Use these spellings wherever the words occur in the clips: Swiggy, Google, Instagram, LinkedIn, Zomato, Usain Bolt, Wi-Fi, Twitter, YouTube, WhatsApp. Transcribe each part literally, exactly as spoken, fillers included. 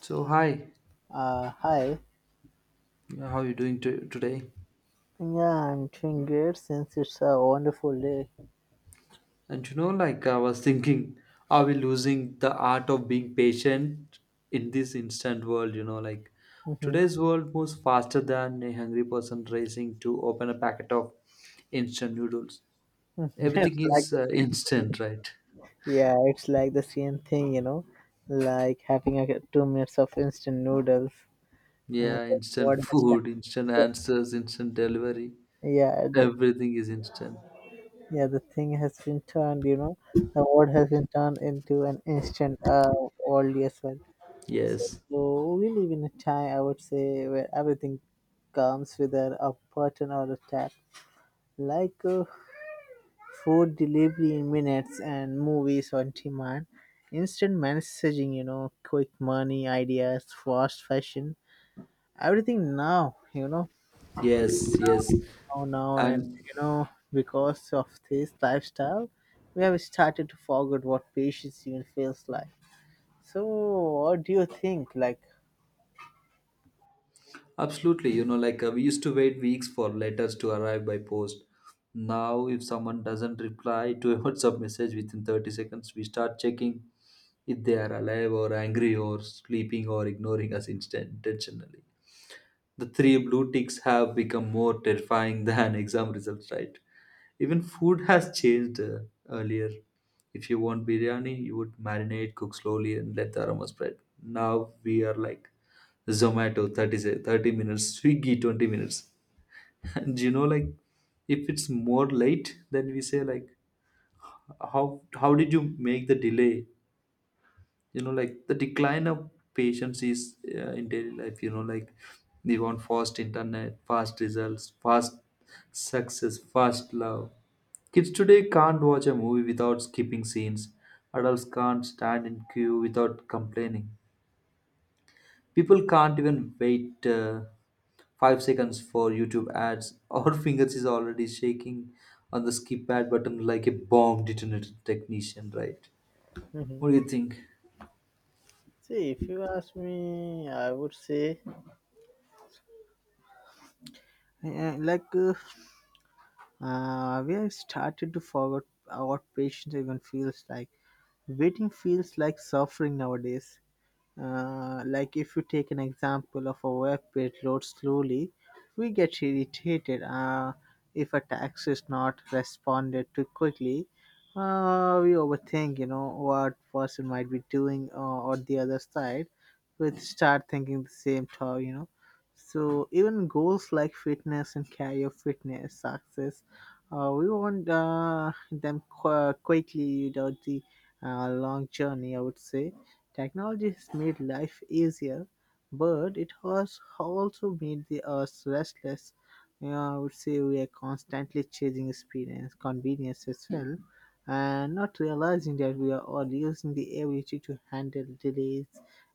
So hi. Uh, hi. Yeah, how you doing to today? Yeah, I'm doing great since it's a wonderful day. And you know, like I was thinking, are we losing the art of being patient in this instant world? You know, like Hmm. today's world moves faster than a hungry person racing to open a packet of instant noodles. It's Everything like is the uh, same thing. instant, right? Yeah, it's like the same thing, you know, like having a two minutes of instant noodles. And Yeah, instant what has food, instant turned, answers, instant delivery. yeah, the, Everything is instant. yeah, the thing has been turned, you know, the word has been turned into an instant uh world as well. Yes, So we live in a time, I would say, where everything comes with a, a button or a tap. Like uh, food delivery in minutes and movies on demand, instant messaging, you know quick money ideas, fast fashion, everything now, you know yes, yes. now now and And you know because of this lifestyle, we have started to forget what patience even feels like. So what do you think? Like, absolutely, you know, like uh, we used to wait weeks for letters to arrive by post. Now, if someone doesn't reply to a WhatsApp message within thirty seconds, we start checking if they are alive or angry or sleeping or ignoring us instant- intentionally. The three blue ticks have become more terrifying than exam results, right? Even food has changed, uh, earlier. If you want biryani, you would marinate, cook slowly, and let the aroma spread. Now we are like Zomato thirty, se- thirty minutes, Swiggy twenty minutes. And you know, like if it's more late, then we say like, how how did you make the delay? You know, like the decline of patience is, uh, in daily life, you know, like we want fast internet, fast results, fast success, fast love. Kids today can't watch a movie without skipping scenes. Adults can't stand in queue without complaining. People can't even wait uh, five seconds for youtube ads. Our fingers is already shaking on the skip ad button like a bomb detonated technician, right? What do you think? see, if you ask me, I would say, yeah, like uh, uh, we have started to forget uh, what patience even feels like. Waiting feels like suffering nowadays. Uh, like, if you take an example of a web page loads slowly, we get irritated uh, if a text is not responded to quickly. Uh, we overthink, you know, what person might be doing uh, on the other side. We start thinking the same thought, you know. So even goals like fitness and career fitness success, uh, we want uh, them qu- quickly without the uh, long journey, I would say. Technology has made life easier, but it has also made the us restless. You know, I would say we are constantly chasing experience, convenience as well, and not realizing that we are all using the ability to handle delays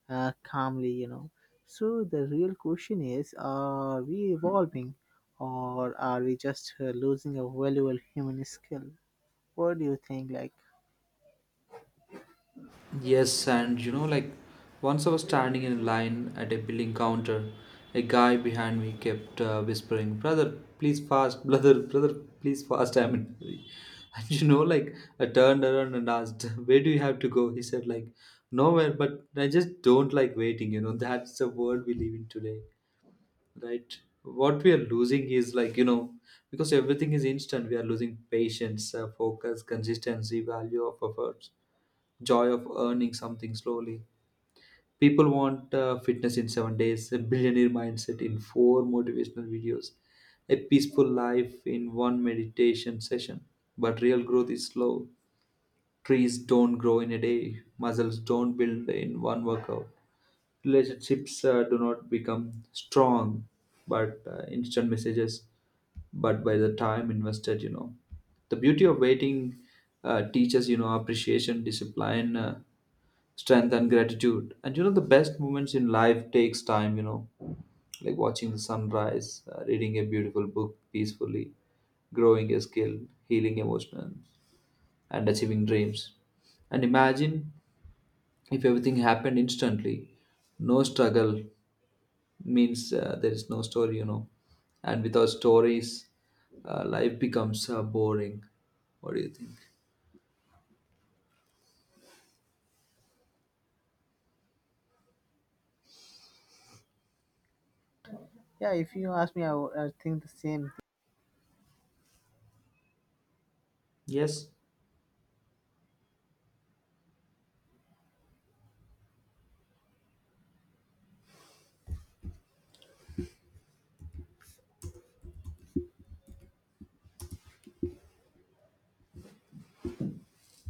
uh, calmly. You know, so the real question is: are we evolving, or are we just uh, losing a valuable human skill? What do you think? Like, Yes, and you know, like once I was standing in line at a billing counter, a guy behind me kept uh, whispering, "Brother, please fast, brother, brother, please fast. I'm in a hurry." And you know, like I turned around and asked, "Where do you have to go?" He said, "Like nowhere, but I just don't like waiting." You know, that's the world we live in today, right? What we are losing is, like, you know, because everything is instant, we are losing patience, uh, focus, consistency, value of efforts, joy of earning something slowly. People want uh, fitness in seven days, a billionaire mindset in four motivational videos, a peaceful life in one meditation session. But real growth is slow. Trees don't grow in a day, muscles don't build in one workout. Relationships uh, do not become strong, but uh, instant messages, but by the time invested, you know, the beauty of waiting uh, teaches, you know, appreciation, discipline, uh, strength, and gratitude. And you know, the best moments in life takes time, you know, like watching the sunrise, uh, reading a beautiful book peacefully, growing a skill, healing emotional, and achieving dreams. And imagine if everything happened instantly, no struggle means uh, there is no story, you know. And without stories, uh, life becomes uh, boring. What do you think? yeah, if you ask me, I, would- I think the same. Yes.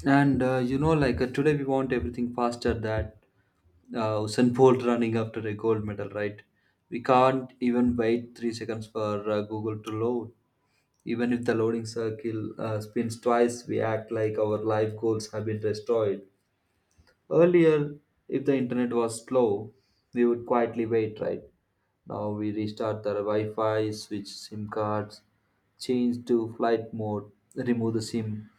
And uh, you know, like uh, today we want everything faster. That uh, Usain Bolt running after a gold medal, right? We can't even wait three seconds for uh, Google to load. Even if the loading circle uh, spins twice, we act like our life goals have been destroyed. Earlier, if the internet was slow, we would quietly wait, right? Now we restart the Wi-Fi, switch SIM cards, change to flight mode, remove the SIM,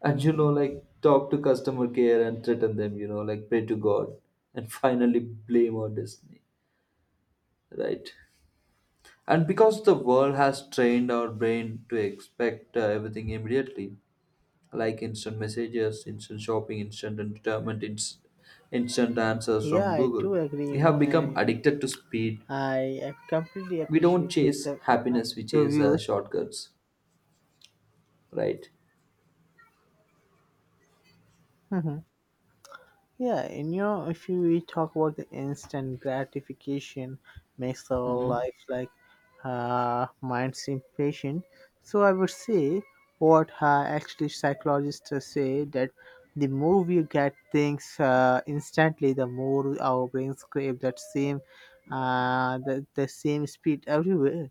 and you know, like, talk to customer care and threaten them, you know, like pray to God and finally blame our destiny, right? And because the world has trained our brain to expect uh, everything immediately, like instant messages, instant shopping, instant entertainment, ins- instant answers Yeah, from I Google, do agree. we You have know, become I addicted to speed. I I completely We don't appreciate your chase the uh, happiness, we your chase uh, views. shortcuts, right? Yeah, and you know, if you we talk about the instant gratification makes our Hmm, life like uh, minds impatient. So I would say, what uh, actually psychologists uh, say that the more we get things uh, instantly, the more our brains crave that same uh, the, the same speed everywhere.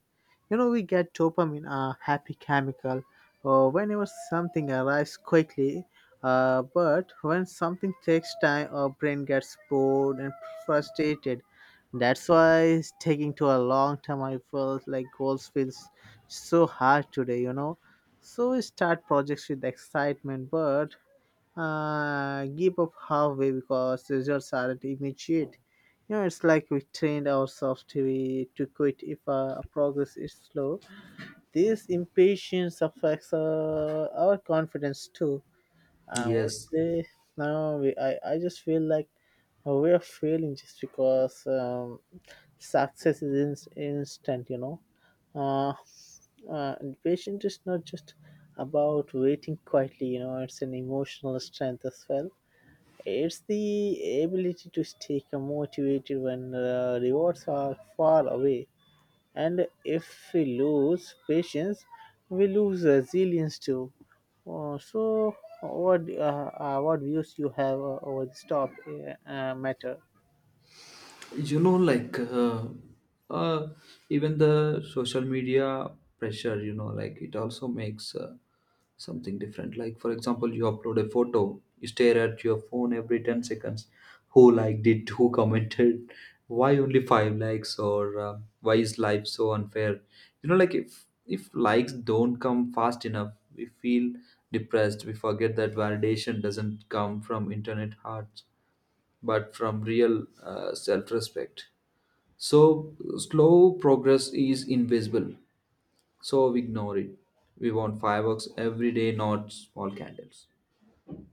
You know, we get dopamine, a happy chemical, or whenever something arrives quickly, uh, but when something takes time, our brain gets bored and frustrated. That's why it's taking to a long time. I felt like goals feels so hard today, you know. So we start projects with excitement, but uh, give up halfway because results aren't immediate. You know, it's like we trained ourselves to be, to quit if uh, progress is slow. This impatience affects uh, our confidence too, I would yes. say. Now we, I, I just feel like we are failing just because um, success is in, instant, you know. Uh, uh, and patience is not just about waiting quietly, you know, it's an emotional strength as well. It's the ability to stay motivated when uh, rewards are far away. And if we lose patience, we lose resilience too. Uh, so, what uh, uh, what views you have uh, over this top uh, uh, matter? You know, like uh, uh, even the social media pressure, you know, like it also makes uh, something different. Like for example, you upload a photo, you stare at your phone every ten seconds. Who liked it? Who commented? Why only five likes? Or uh, why is life so unfair? You know, like, if if likes don't come fast enough, we feel depressed. We forget that validation doesn't come from internet hearts, but from real uh, self-respect. So slow progress is invisible. So we ignore it. We want fireworks every day, not small candles.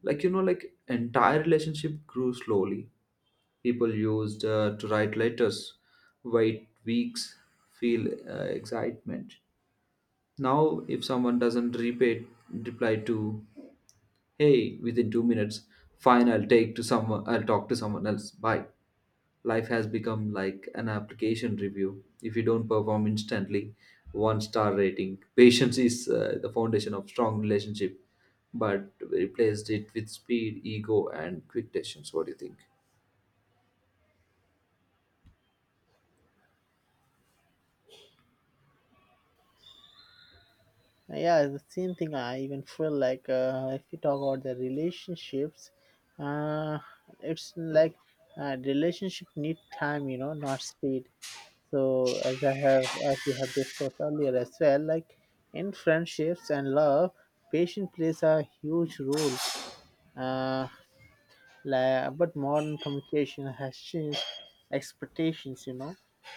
Like, you know, like entire relationship grew slowly. People used uh, to write letters, wait weeks, feel uh, excitement. Now, if someone doesn't repay, reply to, hey, within two minutes, fine, I'll take to someone, I'll talk to someone else. Bye. Life has become like an application review. If you don't perform instantly, one star rating. Patience is uh, the foundation of strong relationship, but we replaced it with speed, ego, and quick decisions. What do you think? Yeah, the same thing. I even feel like, uh, if you talk about the relationships, uh, it's like, uh, relationship need time, you know, not speed. So as I have, as we have discussed earlier as well, like in friendships and love, patience plays a huge role. Uh, like, but modern communication has changed expectations, you know.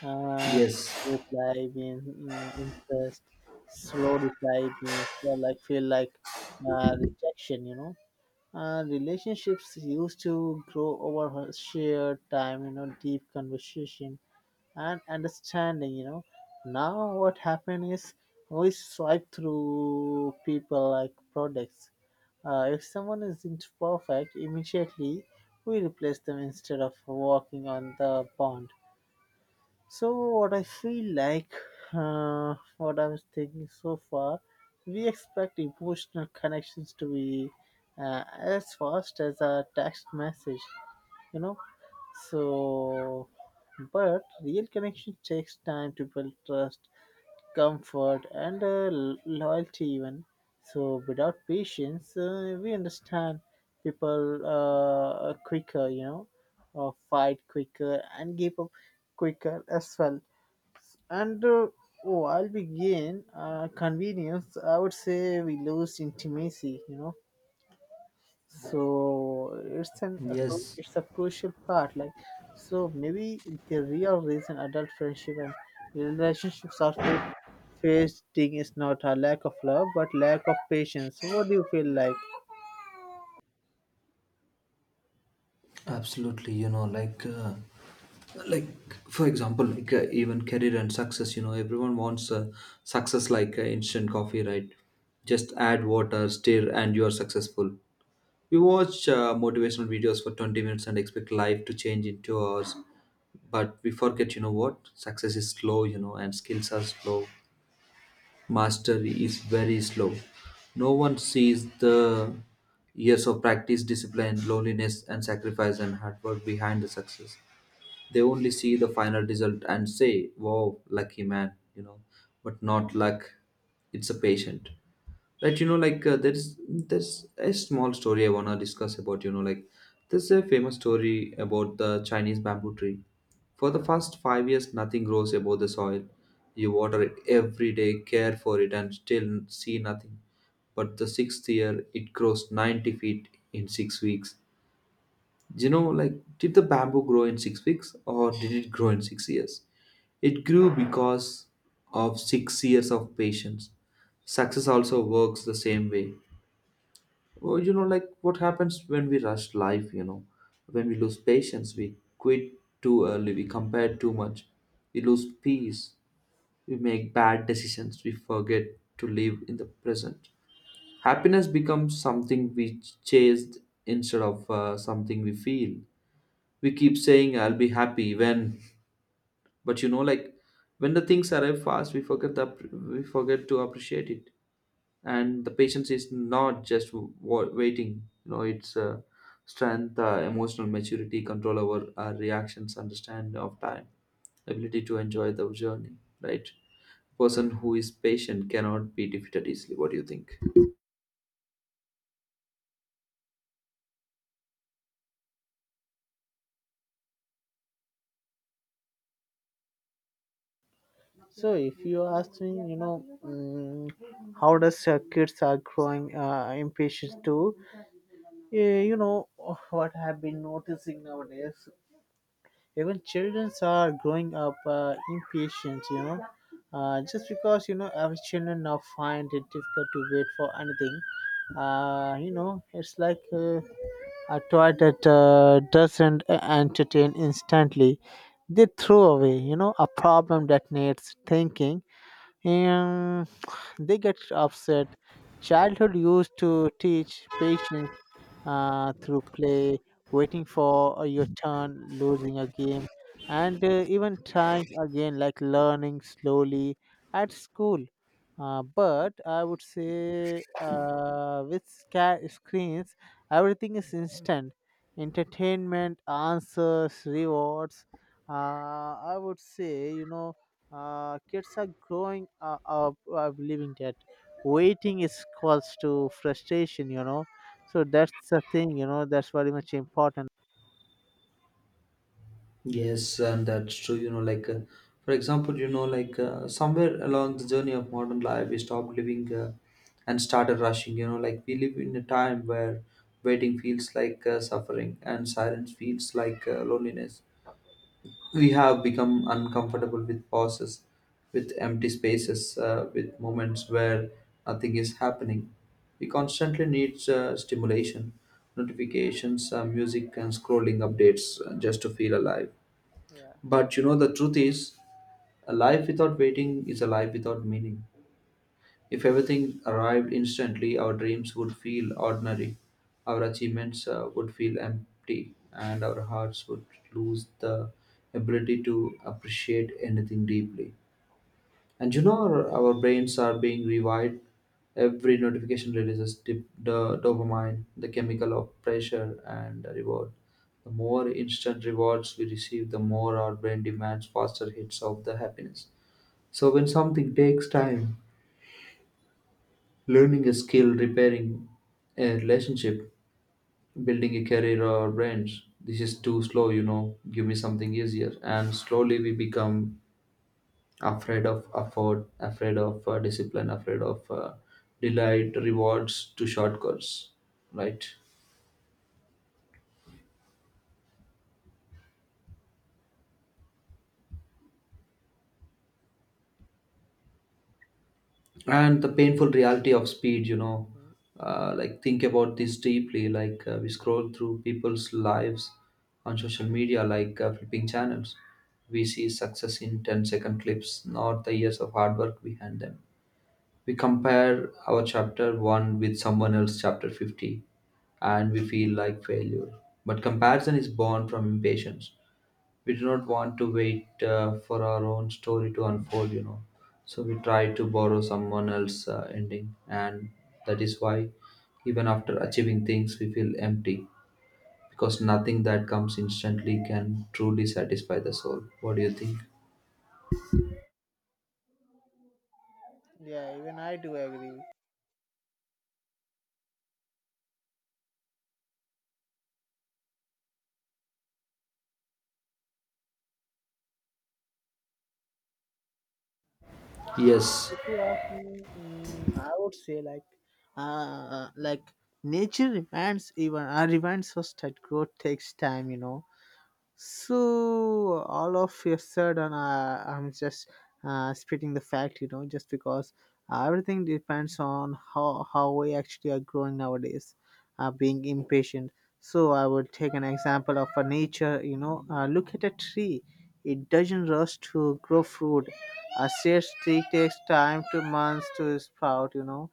uh Yes, Reply being, mm, interest, slow reply being feel like feel like uh, rejection, you know. Uh, relationships used to grow over her shared time, you know, deep conversation and understanding, you know. Now what happened is, we swipe through people like products. Uh, if someone isn't perfect immediately, we replace them instead of walking on the pond. So what I feel like, uh, what I was thinking so far, we expect emotional connections to be uh, as fast as a text message, you know. So, but real connection takes time to build trust, comfort, and uh, lo- loyalty even. So without patience, uh, we understand people uh, quicker, you know, uh, fight quicker, and give up quicker as well. And uh, while we gain uh, convenience, I would say, we lose intimacy, you know. So it's an a cru- yes, it's a crucial part, like, so maybe the real reason adult friendship and relationships are fa- facing is not a lack of love but lack of patience. What do you feel like? absolutely. You know, like, uh, like for example, like uh, even career and success. You know, everyone wants uh, success like uh, instant coffee, right? Just add water, stir, and you are successful. We watch uh, motivational videos for twenty minutes and expect life to change in two hours. But we forget, you know what? Success is slow, you know, and skills are slow. Mastery is very slow. No one sees the years of practice, discipline, loneliness, and sacrifice and hard work behind the success. They only see the final result and say, wow, lucky man, you know, but not luck. It's a patient, right? You know, like, uh, there's there's a small story I want to discuss about, you know, like there's a famous story about the Chinese bamboo tree. For the first five years, nothing grows above the soil. You water it every day, care for it, and still see nothing, but the sixth year, it grows ninety feet in six weeks. You know, like, did the bamboo grow in six weeks or did it grow in six years? It grew because of six years of patience. Success also works the same way. Well, you know, like, what happens when we rush life? You know, when we lose patience, we quit too early, we compare too much, we lose peace, we make bad decisions, we forget to live in the present. Happiness becomes something we chase instead of uh, something we feel. We keep saying, I'll be happy when, but you know, like when the things arrive fast, we forget that we forget to appreciate it. And the patience is not just wa- waiting, you know, it's uh, strength, uh, emotional maturity, control over our reactions, understand of time, ability to enjoy the journey, right? Person who is patient cannot be defeated easily. What do you think? So if you ask me, you know, mm, how does uh, kids are growing uh, impatient too? Eh, you know, what I've been noticing nowadays, even children are growing up uh, impatient, you know. Uh, just because, you know, our children now find it difficult to wait for anything. Uh, you know, it's like, uh, a toy that uh, doesn't uh, entertain instantly, they throw away, you know. A problem that needs thinking, and they get upset. Childhood used to teach patience uh, through play, waiting for uh, your turn, losing a game, and uh, even trying again, like learning slowly at school. Uh, but I would say, uh, with sca- screens, everything is instant: entertainment, answers, rewards. Uh, I would say, you know, uh, kids are growing uh, up uh, believing that waiting is cause to frustration, you know. So that's the thing, you know. That's very much important. Yes, and that's true. You know, like uh, for example, you know, like uh, somewhere along the journey of modern life, we stopped living uh, and started rushing. You know, like we live in a time where waiting feels like uh, suffering and silence feels like uh, loneliness. We have become uncomfortable with pauses, with empty spaces, uh, with moments where nothing is happening. We constantly need uh, stimulation, notifications, uh, music, and scrolling updates uh, just to feel alive. Yeah. But you know, the truth is, a life without waiting is a life without meaning. If everything arrived instantly, our dreams would feel ordinary, our achievements uh, would feel empty, and our hearts would lose the ability to appreciate anything deeply. And you know, our, our brains are being rewired. Every notification releases dip, the dopamine, the chemical of pressure and reward. The more instant rewards we receive, the more our brain demands faster hits of the happiness. So when something takes time, learning a skill, repairing a relationship, building a career or brands. This is too slow, you know. Give me something easier. And slowly we become afraid of afford, afraid of uh, discipline, afraid of uh, delight, rewards to shortcuts, right? And the painful reality of speed, you know, Hmm. uh, like think about this deeply, like uh, we scroll through people's lives on social media like uh, flipping channels. We see success in ten-second clips, not the years of hard work behind them. We compare our chapter one with someone else's chapter fifty and we feel like failure. But comparison is born from impatience. We do not want to wait uh, for our own story to unfold, you know. So we try to borrow someone else's uh, ending. And that is why even after achieving things we feel empty, because nothing that comes instantly can truly satisfy the soul. What do you think? Yeah, even I do agree. So Yes. if you ask me, mm, I would say, like, uh, like, nature reminds even uh, reminds us that growth takes time. You know, so all of a sudden, uh, I'm just uh, spitting the fact, you know, just because uh, everything depends on how how we actually are growing nowadays. Uh, being impatient. So I would take an example of a nature. You know, uh, look at a tree. It doesn't rush to grow fruit. A seed tree takes time to months to sprout, you know.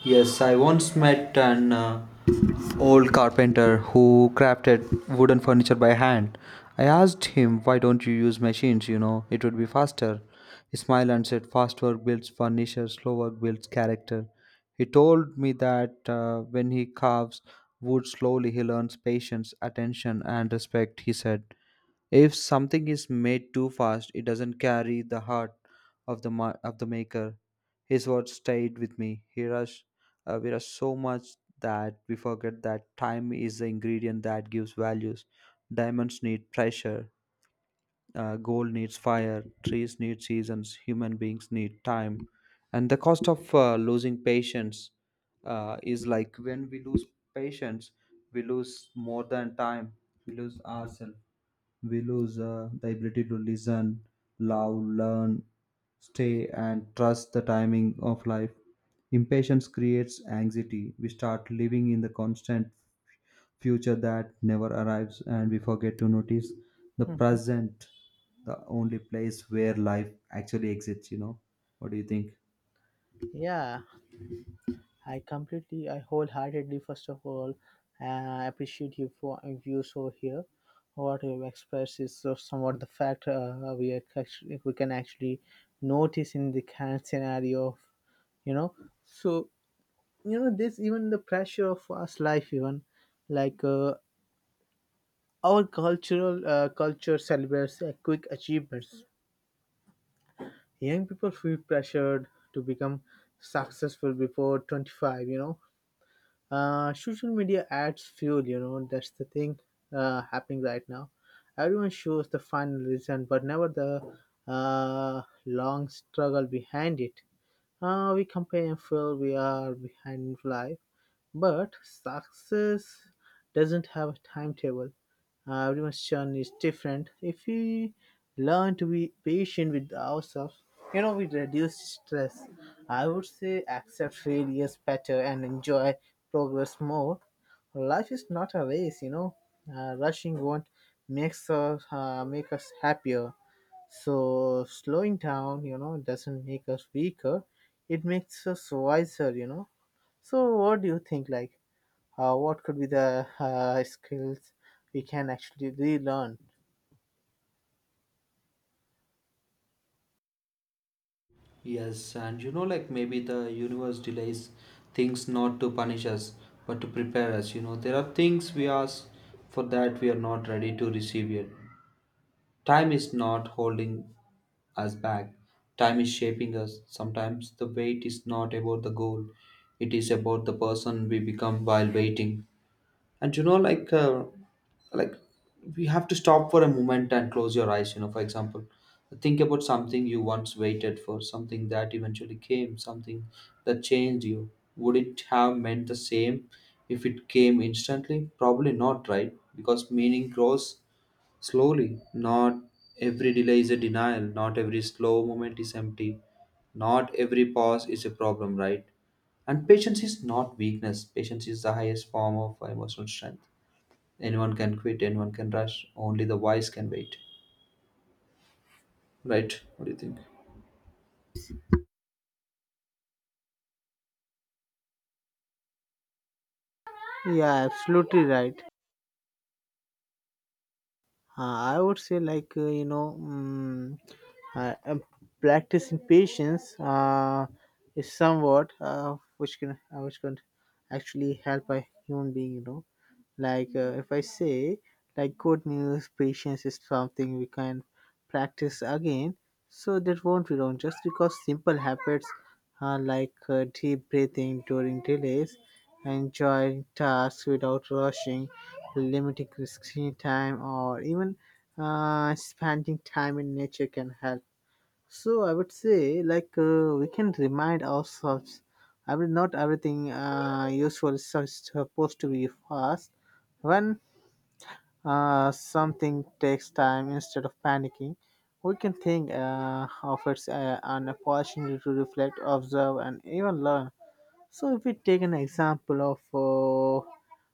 Yes, I once met an uh, old carpenter who crafted wooden furniture by hand. I asked him, why don't you use machines? You know, it would be faster. He smiled and said, fast work builds furniture, slow work builds character. He told me that uh, when he carves wood slowly, he learns patience, attention, and respect, he said. If something is made too fast, it doesn't carry the heart of the ma- of the maker. His words stayed with me. Here are, s- uh, we are so much that we forget that time is the ingredient that gives values. Diamonds need pressure. Uh, gold needs fire. Trees need seasons. Human beings need time. And the cost of uh, losing patience uh, is like when we lose patience, we lose more than time. We lose ourselves, we lose uh, the ability to listen, love, learn, stay, and trust the timing of life. Impatience creates anxiety. We start living in the constant future that never arrives, and we forget to notice the Hmm. present, the only place where life actually exists. You know, what do you think? Yeah, I completely, I wholeheartedly, first of all, uh, appreciate you for your views over here. What you expressed is so somewhat the fact, uh, we are actually, we can actually notice in the current scenario, of, you know. So you know this even the pressure of us life even, like, uh, our cultural, uh, culture celebrates uh, quick achievements. Young people feel pressured to become successful before twenty-five, you know. Uh, social media adds fuel, you know. That's the thing uh, happening right now. Everyone shows the final result but never the uh, long struggle behind it. Uh, we compare and feel we are behind in life, but success doesn't have a timetable. Uh, everyone's journey is different. If we learn to be patient with ourselves, you know, we reduce stress, I would say, accept failures better, and enjoy progress more. Life is not a race, you know. Uh, rushing won't makes us uh, make us happier. So slowing down, you know, doesn't make us weaker, it makes us wiser, you know. So what do you think, like, uh, what could be the uh, skills we can actually relearn? Yes, and you know, like maybe the universe delays things not to punish us, but to prepare us. You know, there are things we ask for that we are not ready to receive yet. Time is not holding us back, time is shaping us. Sometimes the wait is not about the goal, it is about the person we become while waiting. And you know like uh, like we have to stop for a moment and close your eyes, you know, for example, think about something you once waited for, something that eventually came, something that changed you. Would it have meant the same if it came instantly? Probably not, right? Because meaning grows slowly. Not every delay is a denial, not every slow moment is empty, not every pause is a problem, right? And patience is not weakness. Patience is the highest form of emotional strength. Anyone can quit, anyone can rush, only the wise can wait. Right? What do you think? Yeah, absolutely right. Uh, I would say, like, uh, you know, um, uh, um, practicing patience uh, is somewhat uh, which can uh, which can actually help a human being, you know. Like, uh, if I say, like, good news, patience is something we can practice again, so that won't be wrong. Just because simple habits, uh, like uh, deep breathing during delays, enjoying tasks without rushing, limiting screen time, or even uh, spending time in nature, can help. So I would say, like, uh, we can remind ourselves, I mean, not everything uh, useful is su- supposed to be fast. When uh, something takes time, instead of panicking, we can think uh, of it, uh, an opportunity to reflect, observe, and even learn. So, if we take an example of,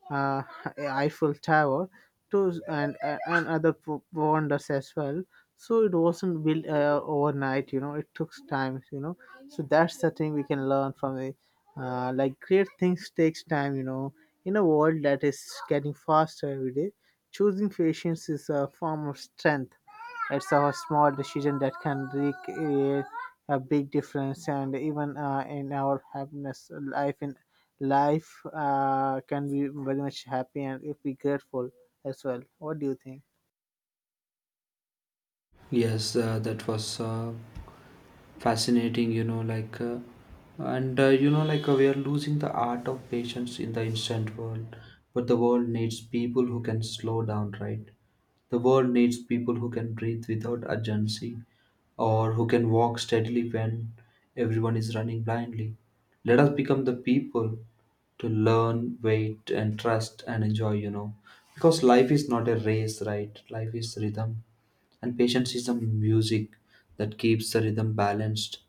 uh, uh, Eiffel Tower to and and other p- wonders as well. So it wasn't built uh, overnight, you know. It took time, you know. So that's the thing we can learn from it. Uh, like, great things takes time, you know. In a world that is getting faster every day, choosing patience is a form of strength. It's a small decision that can create a big difference, and even uh, in our happiness, life in life uh, can be very much happy, and if be grateful as well. What do you think? Yes, uh, that was uh, fascinating, you know, like, uh, and uh, you know, like, uh, we are losing the art of patience in the instant world, but the world needs people who can slow down, right? The world needs people who can breathe without urgency or who can walk steadily when everyone is running blindly. Let us become the people to learn, wait, and trust and enjoy, you know. Because life is not a race, right? Life is rhythm, and patience is the music that keeps the rhythm balanced.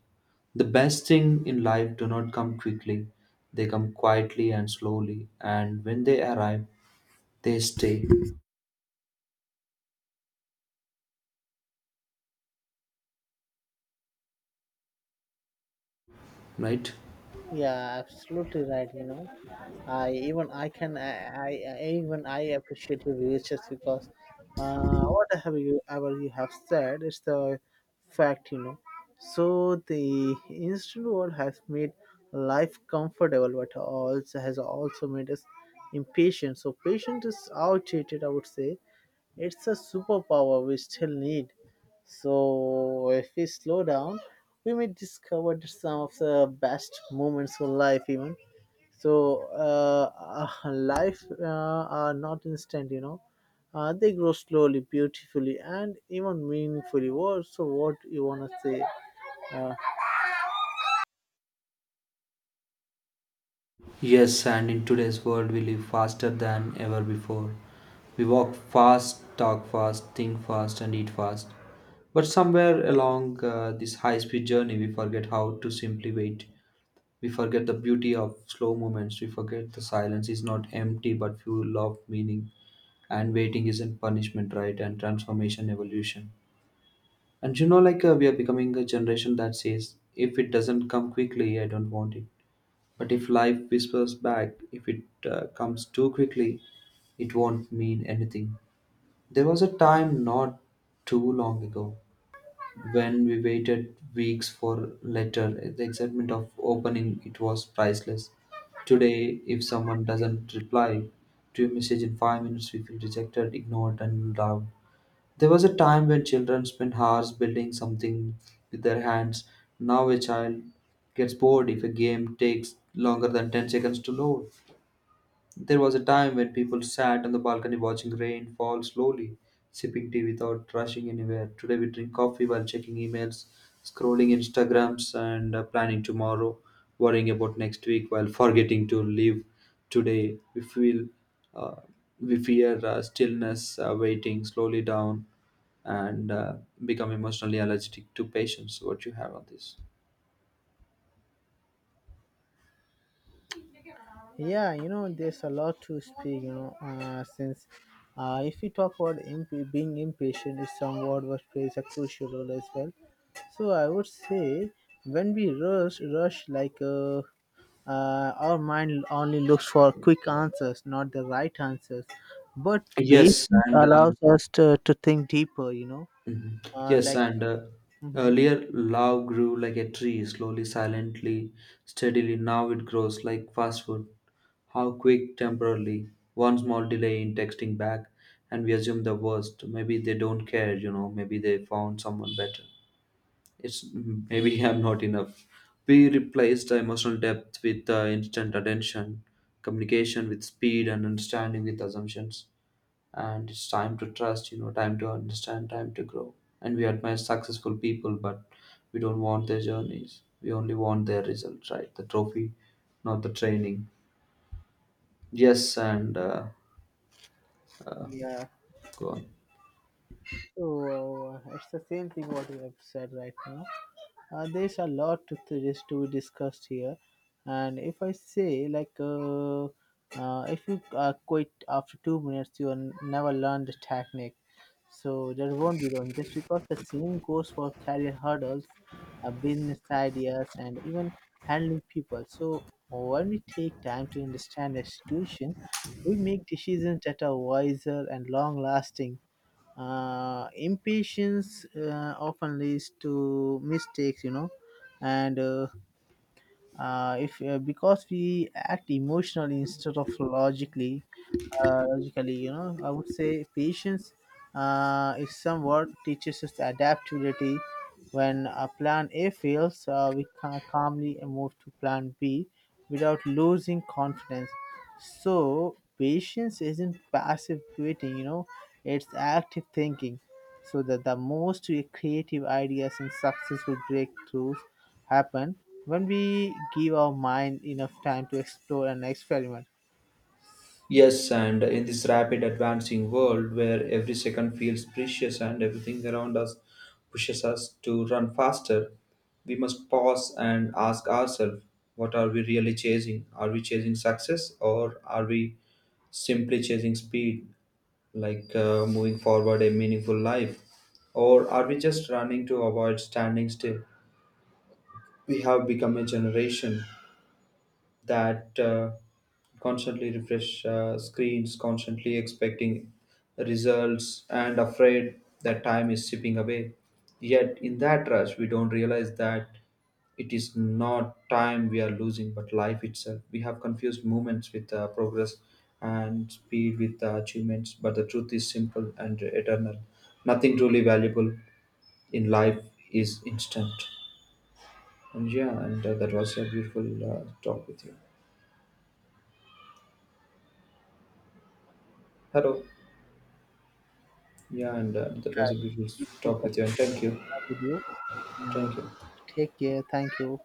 The best thing in life do not come quickly, they come quietly and slowly, and when they arrive, they stay, right? Yeah, absolutely right, you know. I even i can i, I I- even I appreciate your views just because uh what have you ever you have said is the fact, you know. So the instant world has made life comfortable but also has also made us impatient. So patience is outdated, I would say. It's a superpower we still need. So, if we slow down, we may discover some of the best moments of life, even. So, uh, uh, life uh, are not instant, you know. Uh, they grow slowly, beautifully, and even meaningfully. What, so, what you wanna say? Uh, Yes, and in today's world, we live faster than ever before. We walk fast, talk fast, think fast, and eat fast. But somewhere along uh, this high speed journey, we forget how to simply wait. We forget the beauty of slow moments. We forget the silence is not empty but full of meaning. And waiting isn't punishment, right? And transformation, evolution. And you know, like uh, we are becoming a generation that says, if it doesn't come quickly, I don't want it, but if life whispers back, if it uh, comes too quickly, it won't mean anything. There was a time not too long ago when we waited weeks for letter. The excitement of opening it was priceless. Today, if someone doesn't reply to your message in five minutes, we feel rejected, ignored, and loved. There was a time when children spent hours building something with their hands. Now a child gets bored if a game takes longer than ten seconds to load. There was a time when people sat on the balcony watching rain fall slowly, sipping tea without rushing anywhere. Today we drink coffee while checking emails, scrolling Instagrams, and uh, planning tomorrow, worrying about next week while forgetting to live today. We feel uh, we fear uh, stillness, uh, waiting slowly down, and uh, become emotionally allergic to patience. What you have on this? yeah, you know, there's a lot to speak, you know, uh, since uh, if we talk about imp- being impatient, is somewhat what plays a crucial role as well. So I would say, when we rush, rush like, uh, uh, our mind only looks for quick answers, not the right answers. But Yes, patience and uh, allows us to, to think deeper, you know. Mhm. Uh, Yes, Like, and uh, hmm, Earlier love grew like a tree, slowly, silently, steadily. Now it grows like fast food. How quick, temporarily. One small delay in texting back, and we assume the worst. Maybe they don't care, you know. Maybe they found someone better. It's maybe I'm not enough. We replaced the emotional depth with uh, instant attention, communication with speed, and understanding with assumptions. And it's time to trust, you know, time to understand, time to grow. And we admire successful people, but we don't want their journeys, we only want their results, right? The trophy, not the training. Yes and uh, yeah. Go on. So, uh, it's the same thing what you have said right now. Uh, there's a lot to this to be discussed here, and if I say, like, uh, uh, if you uh, quit after two minutes, you will never learn the technique, so that won't be done. Just because the same goes for career hurdles, uh, business ideas, and even handling people. So when we take time to understand the situation, we make decisions that are wiser and long-lasting. Uh, impatience uh, often leads to mistakes, you know. And uh, uh, if uh, because we act emotionally instead of logically, uh, logically, you know, I would say patience uh, is somewhat teaches us adaptability. When a plan a fails, uh, we can calmly move to plan b without losing confidence. So patience isn't passive waiting, you know, it's active thinking. So that the most creative ideas and successful breakthroughs happen when we give our mind enough time to explore and experiment. Yes, and in this rapid advancing world where every second feels precious and everything around us pushes us to run faster, we must pause and ask ourselves, what are we really chasing? Are we chasing success, or are we simply chasing speed? Like uh, moving forward a meaningful life? Or are we just running to avoid standing still? We have become a generation that uh, constantly refresh uh, screens, constantly expecting results, and afraid that time is slipping away. Yet, in that rush, we don't realize that it is not time we are losing, but life itself. We have confused moments with uh, progress and speed with uh, achievements, but the truth is simple and eternal. Nothing truly valuable in life is instant. And yeah, and uh, That was a beautiful uh, talk with you. Hello. Yeah, and uh, That Yeah, was a beautiful it's a beautiful talk with you. And contact thank you. with you, Thank and you. take care. Thank you.